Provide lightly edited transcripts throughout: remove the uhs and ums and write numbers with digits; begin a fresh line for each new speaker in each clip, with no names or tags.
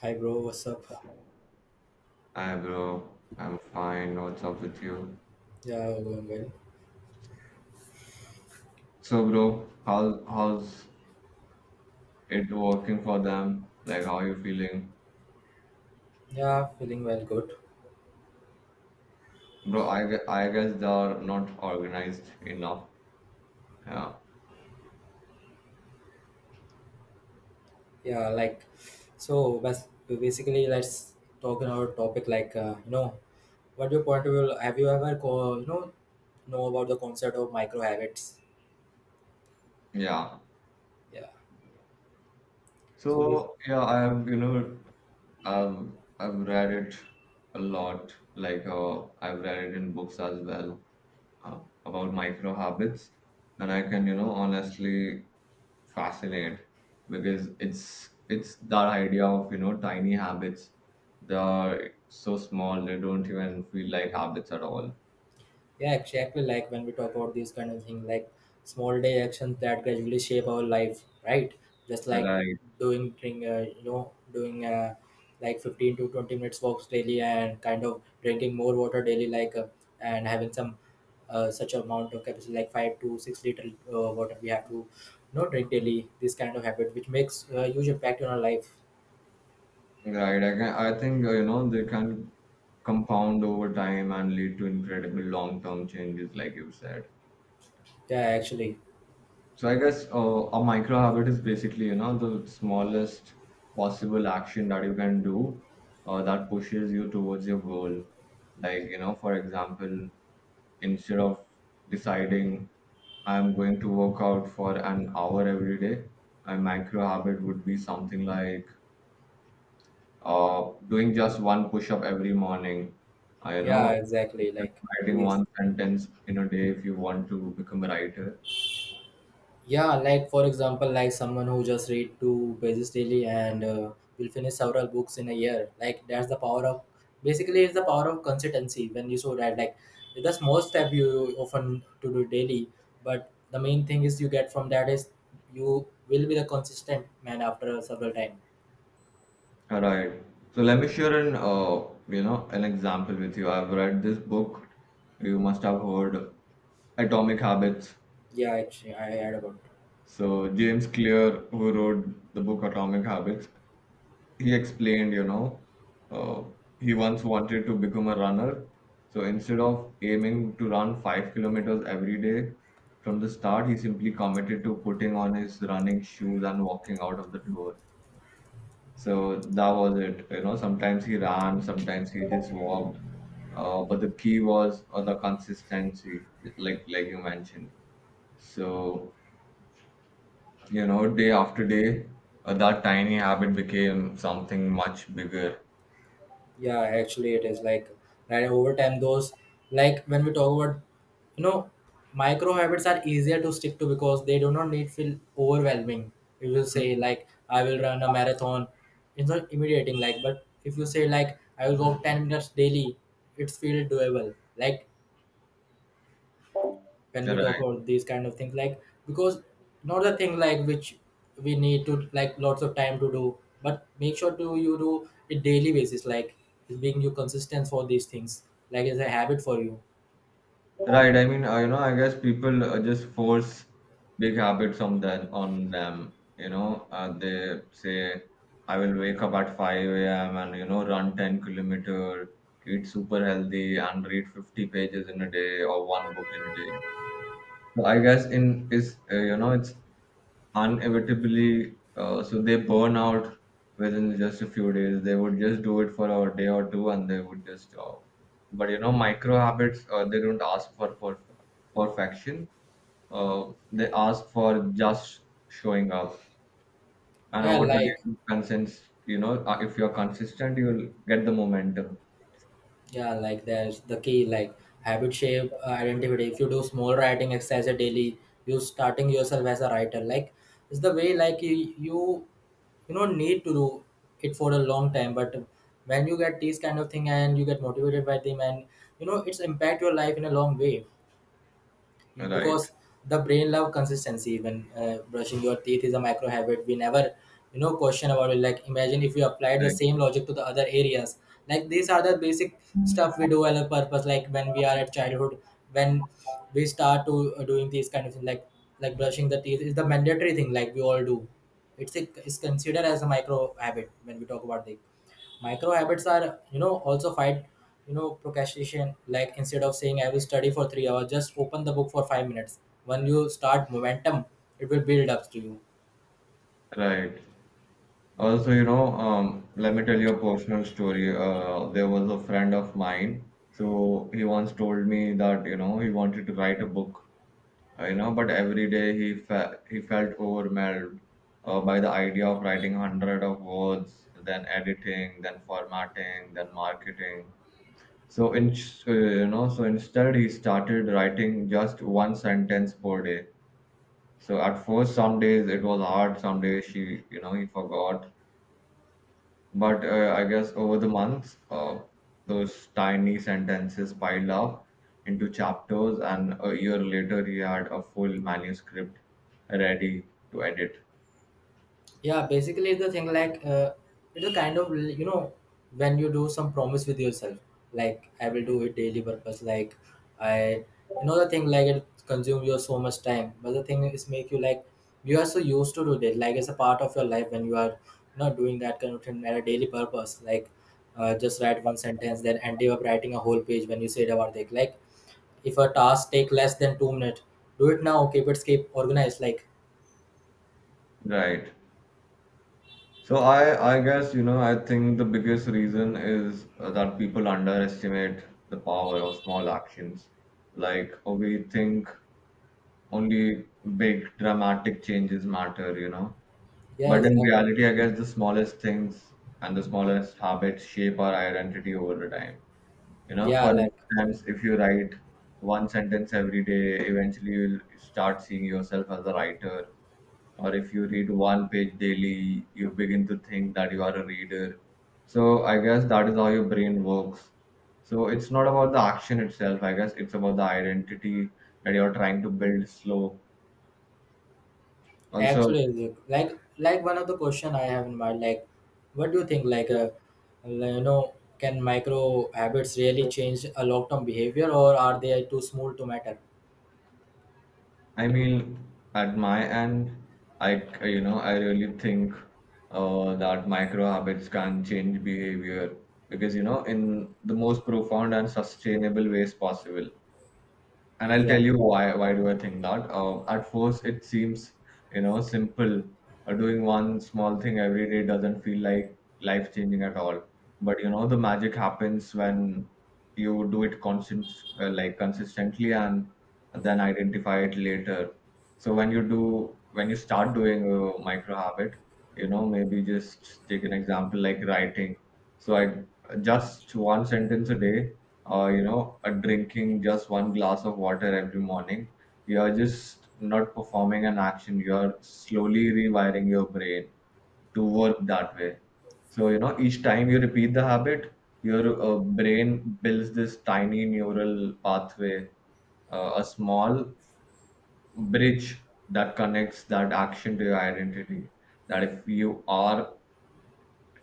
Hi bro, what's up?
Hi bro, I'm fine. What's up with you?
Yeah, going well.
So bro, how's it working for them? Like how you feeling?
Yeah, feeling well, good.
Bro, I guess they're not organized enough. Yeah.
Yeah, like so, basically, let's talk on our topic. Like what your point of view? Have you ever know about the concept of micro habits?
Yeah.
Yeah. So bas-
So yeah, I have you know I've I've read it a lot. Like I've read it in books as well. uh, about micro habits, and I can, you know, honestly fascinate, because it's that idea of, you know, tiny habits. They are so small they don't even feel like habits at all.
Yeah, exactly. Like when we talk about these kind of thing, like small day actions that gradually shape our life, right? Just like
Right.
doing, drink, you know, doing like 15 to 20 minutes walks daily and kind of drinking more water daily, like and having some such amount of capacity, like 5 to 6 liter water we have to, drink daily. This kind of habit, which makes a huge impact on our life.
I think, you know, they can compound over time and lead to incredible long term changes, like you said.
Yeah, actually.
So I guess a micro habit is basically, you know, the smallest possible action that you can do, that pushes you towards your goal. Like, you know, for example, instead of deciding I'm going to work out for an hour every day, my micro habit would be something like doing just one push up every morning. Uh, you
Yeah,
know,
exactly.
just
Like
writing
these
one sentence in a day if you want to become a writer.
Yeah, like for example, like someone who just read two pages daily and will finish several books in a year. Like that's the power of, basically, it's the power of consistency, when you saw that, like, the small step you often to do daily, but the main thing is you get from that is you will be the consistent man after several time.
All right. So let me share an an example with you. I've read this book. You must have heard Atomic Habits.
Yeah, actually, I heard about.
So James Clear, who wrote the book Atomic Habits, he explained, you know, uh, he once wanted to become a runner. So instead of aiming to run 5 kilometers every day from the start, he simply committed to putting on his running shoes and walking out of the door. So that was it. You know, sometimes he ran, sometimes he just walked. But the key was the consistency, like you mentioned. So, you know, day after day, that tiny habit became something much bigger.
Yeah, actually, it is like, right, over time, those, like when we talk about, you know micro habits are easier to stick to because they do not need feel overwhelming. If you say
Mhm.
like I will run a marathon, it's not immediating, like. But if you say like I will walk 10 minutes daily, it's feel doable. Like when we talk
Right.
about these kind of things, like, because not the thing like which we need to, like, lots of time to do, but make sure to you do it daily basis, like it's being you consistent for these things, like it's a habit for you.
Right. I mean, I guess people just force big habits on them. You know, they say, I will wake up at 5 a.m. and, you know, run 10-kilometer, eat super healthy and read 50 pages in a day or one book in a day. So I guess in is, you know, it's Inevitably, so they burn out within just a few days. They would just do it for a day or two and they would just stop. But you know, micro habits, they don't ask for perf- perfection. They ask for just showing up. And
Yeah,
over
like.
time, if you're consistent, you'll get the momentum.
Yeah, like there's the key, like habit shape, identity. If you do small writing exercise a daily, you starting yourself as a writer. Like, it's the way like you know need to do it for a long time. But when you get these kind of thing and you get motivated by them, and it's impact your life in a long way,
Right,
because the brain love consistency. When brushing your teeth is a micro habit, we never, question about it, like, imagine if you applied the
right,
same logic to the other areas. Like, these are the basic stuff we do as a purpose, like when we are at childhood, when we start to doing these kind of things, like, brushing the teeth is the mandatory thing, like we all do. It's considered as a micro habit. When we talk about the micro habits, are, also fight, procrastination, like instead of saying I will study for 3 hours, just open the book for 5 minutes. When you start momentum, it will build up to you.
right. Also, you know, let me tell you a personal story. There was a friend of mine. So he once told me that, you know, he wanted to write a book, but every day he felt overwhelmed by the idea of writing hundred of words, then editing, then formatting, then marketing. So in, so instead he started writing just one sentence per day. So at first, some days it was hard, some days he forgot, but I guess over the months, those tiny sentences piled up into chapters, and a year later, he had a full manuscript ready to edit.
Yeah, basically it's the thing, like, it's a kind of, when you do some promise with yourself, like I will do it daily purpose, like I, the thing like it consumes you so much time, but the thing is make you like you are so used to do it, like it's a part of your life. When you are not doing that kind of thing at a daily purpose, like, just write one sentence then end up writing a whole page when you said about it. Like, if a task take less than 2 minutes, do it now, keep it keep organized, like.
Right. So I guess, you know, I think the biggest reason is that people underestimate the power of small actions. Like we think only big dramatic changes matter, you know.
Yeah,
But in
exactly.
reality, I guess the smallest things and the smallest habits shape our identity over the time. You know,
Yeah,
for
like.
instance, if you write one sentence every day, eventually you'll start seeing yourself as a writer. Or if you read one page daily, you begin to think that you are a reader. So I guess that is how your brain works. So it's not about the action itself, I guess it's about the identity that you're trying to build slow. Also,
Actually, like one of the question I have in mind, like, what do you think? Like, can micro habits really change a long term behavior, or are they too small to matter?
I mean, at my end, I c- you know I really think that micro habits can change behavior, because you know, in the most profound and sustainable ways possible. And I'll
Yeah,
tell you why do I think that. At first, it seems, you know, simple. Doing one small thing every day doesn't feel like life changing at all. But you know the magic happens when you do it constant like consistently and then identify it later. When you start doing a micro habit, you know, maybe just take an example like writing. So I Just one sentence a day, drinking just one glass of water every morning, you are just not performing an action. You are slowly rewiring your brain to work that way. So, you know, each time you repeat the habit, your brain builds this tiny neural pathway, a small bridge that connects that action to your identity. That if you are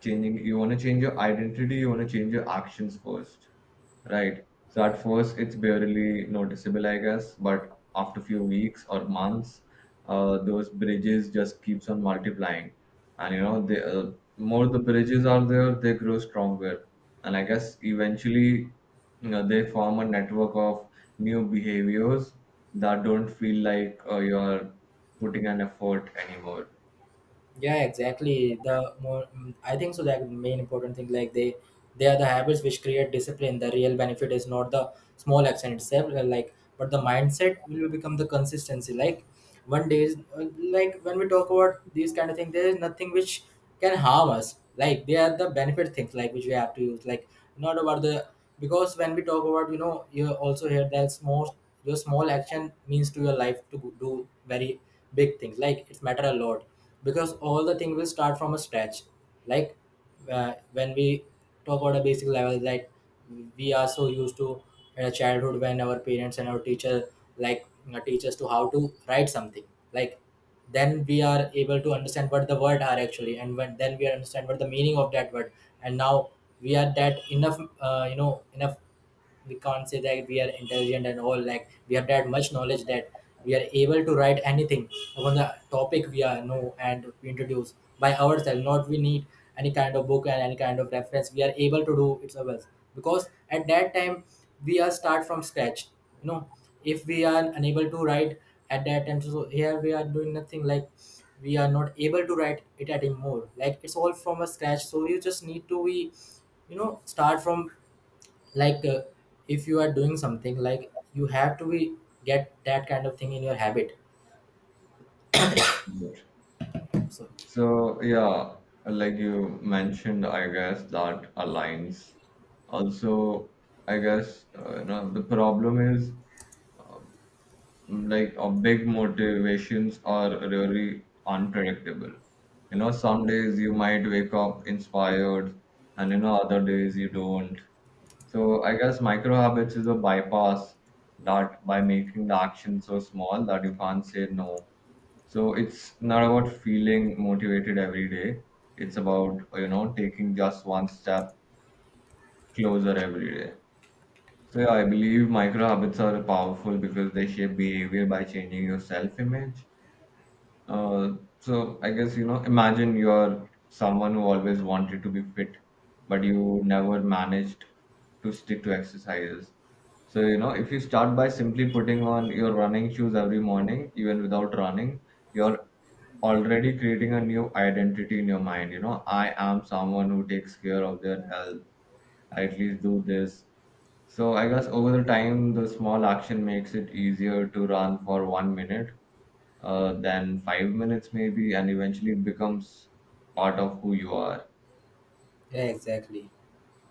changing, you want to change your identity, you want to change your actions first. Right. So at first, it's barely noticeable, I guess, but after few weeks or months, those bridges just keeps on multiplying, and you know, the uh, more the bridges are there, they grow stronger, and I guess eventually, you know, they form a network of new behaviors that don't feel like you are putting an effort anymore.
yeah, exactly. The more, I think so, that main important thing, like they are the habits which create discipline. The real benefit is not the small action itself, like, but the mindset will become the consistency. Like, one day is, like when we talk about these kind of things, there is nothing which can harm us, like they are the benefit things, like which we have to use, like, not about the, because when we talk about, you also hear that small, your small action means to your life to do very big things, like it's matter a lot, because all the things will start from a scratch. Like, when we talk about a basic level, that we are so used to in a childhood, when our parents and our teacher, like, teach us to how to write something, like then we are able to understand what the word are actually, and when, then we understand what the meaning of that word. And now we are that enough, enough, we can't say that we are intelligent and all, like we have that much knowledge that we are able to write anything upon the topic we are know, and we introduce by ourselves, not we need any kind of book and any kind of reference. We are able to do it ourselves, because at that time we are start from scratch. you know if we are unable to write at that time, so here we are doing nothing, like we are not able to write it anymore, like it's all from a scratch. So you just need to be, start from, like, if you are doing something, like you have to be, get that kind of thing in your habit.
Yes.
So
So, yeah, like you mentioned, I guess that aligns. Also, I guess, you know, the problem is, um, like our big motivations are really unpredictable. You know, some days you might wake up inspired, and you know, other days you don't. So, I guess micro habits is a bypass that, by making the action so small that you can't say no, so it's not about feeling motivated every day. It's about, you know, taking just one step closer every day. So yeah, I believe micro habits are powerful because they shape behavior by changing your self-image. Uh, so I guess, you know, imagine you're someone who always wanted to be fit, but you never managed to stick to exercises. So, you know, if you start by simply putting on your running shoes every morning, even without running, your already creating a new identity in your mind. You know, I am someone who takes care of their health. I at least do this. So I guess over the time the small action makes it easier to run for 1 minute, than 5 minutes maybe, and eventually it becomes part of who you are.
yeah, exactly.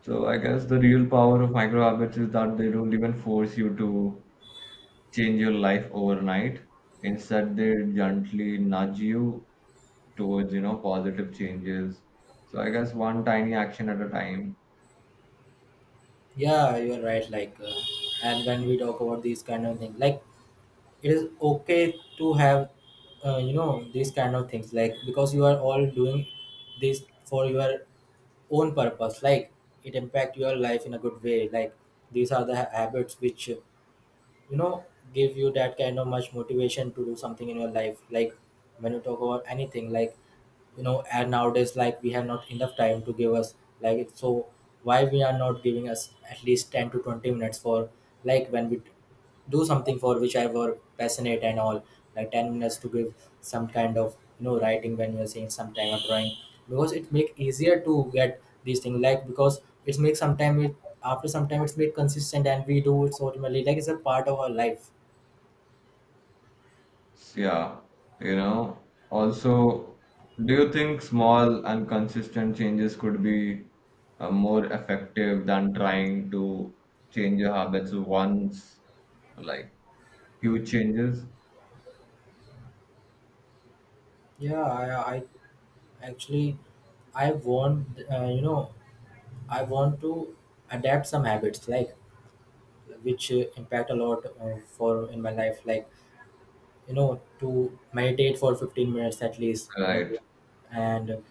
So I guess the real power of micro habits is that they don't even force you to change your life overnight. Instead they gently nudge you towards, you know, positive changes. So I guess one tiny action at a time.
Yeah, you're right, like, and when we talk about these kind of things, like it is okay to have, these kind of things, like, because you are all doing this for your own purpose, like it impact your life in a good way. Like, these are the habits which, you know give you that kind of much motivation to do something in your life, like when you talk about anything, like, and nowadays, like we have not enough time to give us, like it's so, why we are not giving us at least 10 to 20 minutes for, like when we do something for which I were passionate and all, like 10 minutes to give some kind of, writing, when you're saying some time of drawing, because it make easier to get these things, like, because it's make sometime it, after some time it's made consistent, and we do it, so ultimately like it's a part of our life.
So, yeah, you know, also, do you think small and consistent changes could be more effective than trying to change your habits once, like huge changes?
Yeah, I actually, I want uh, you know I want to adapt some habits like which, impact a lot, for in my life, like, to meditate for 15 minutes at least in a day,
Right.
and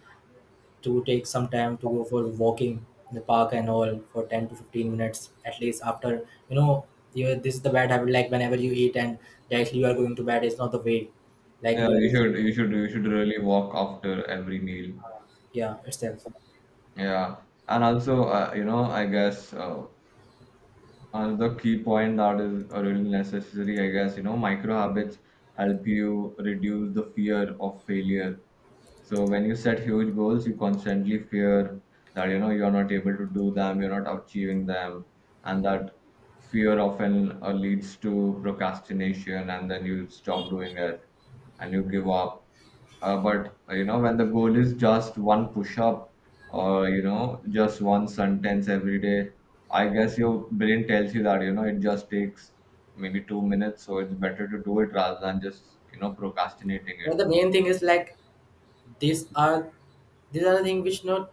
to take some time to go for walking in the park and all for 10 to 15 minutes at least, after, this is the bad habit, like whenever you eat and directly you are going to bed, it's not the way, like
Yeah,
you
you
need.
should you should you should really walk after every meal.
Yeah, itself.
Yeah. And also, I guess, another key point that is really necessary, I guess, you know, micro habits help you reduce the fear of failure. So when you set huge goals, you constantly fear that, you know, you're not able to do them, you're not achieving them, and that fear often leads to procrastination, and then you stop doing it and you give up. But You know, when the goal is just one push up or, you know, just one sentence every day, I guess your brain tells you that, you know, it just takes maybe 2 minutes, so it's better to do it rather than just, you know, procrastinating
But
it.
the main thing is like, these are, the things which not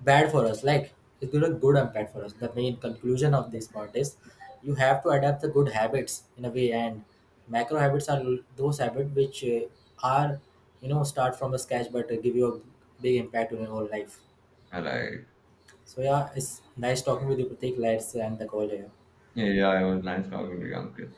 bad for us, like it's good and bad for us. The main conclusion of this part is, you have to adapt the good habits in a way. And macro habits are those habits which, are, start from a scratch, but, give you a big impact on your whole life.
Right.
So yeah, it's nice talking with you, Pratik. Let's end the call here.
Yeah, yeah, it was nice talking to you, Uncle.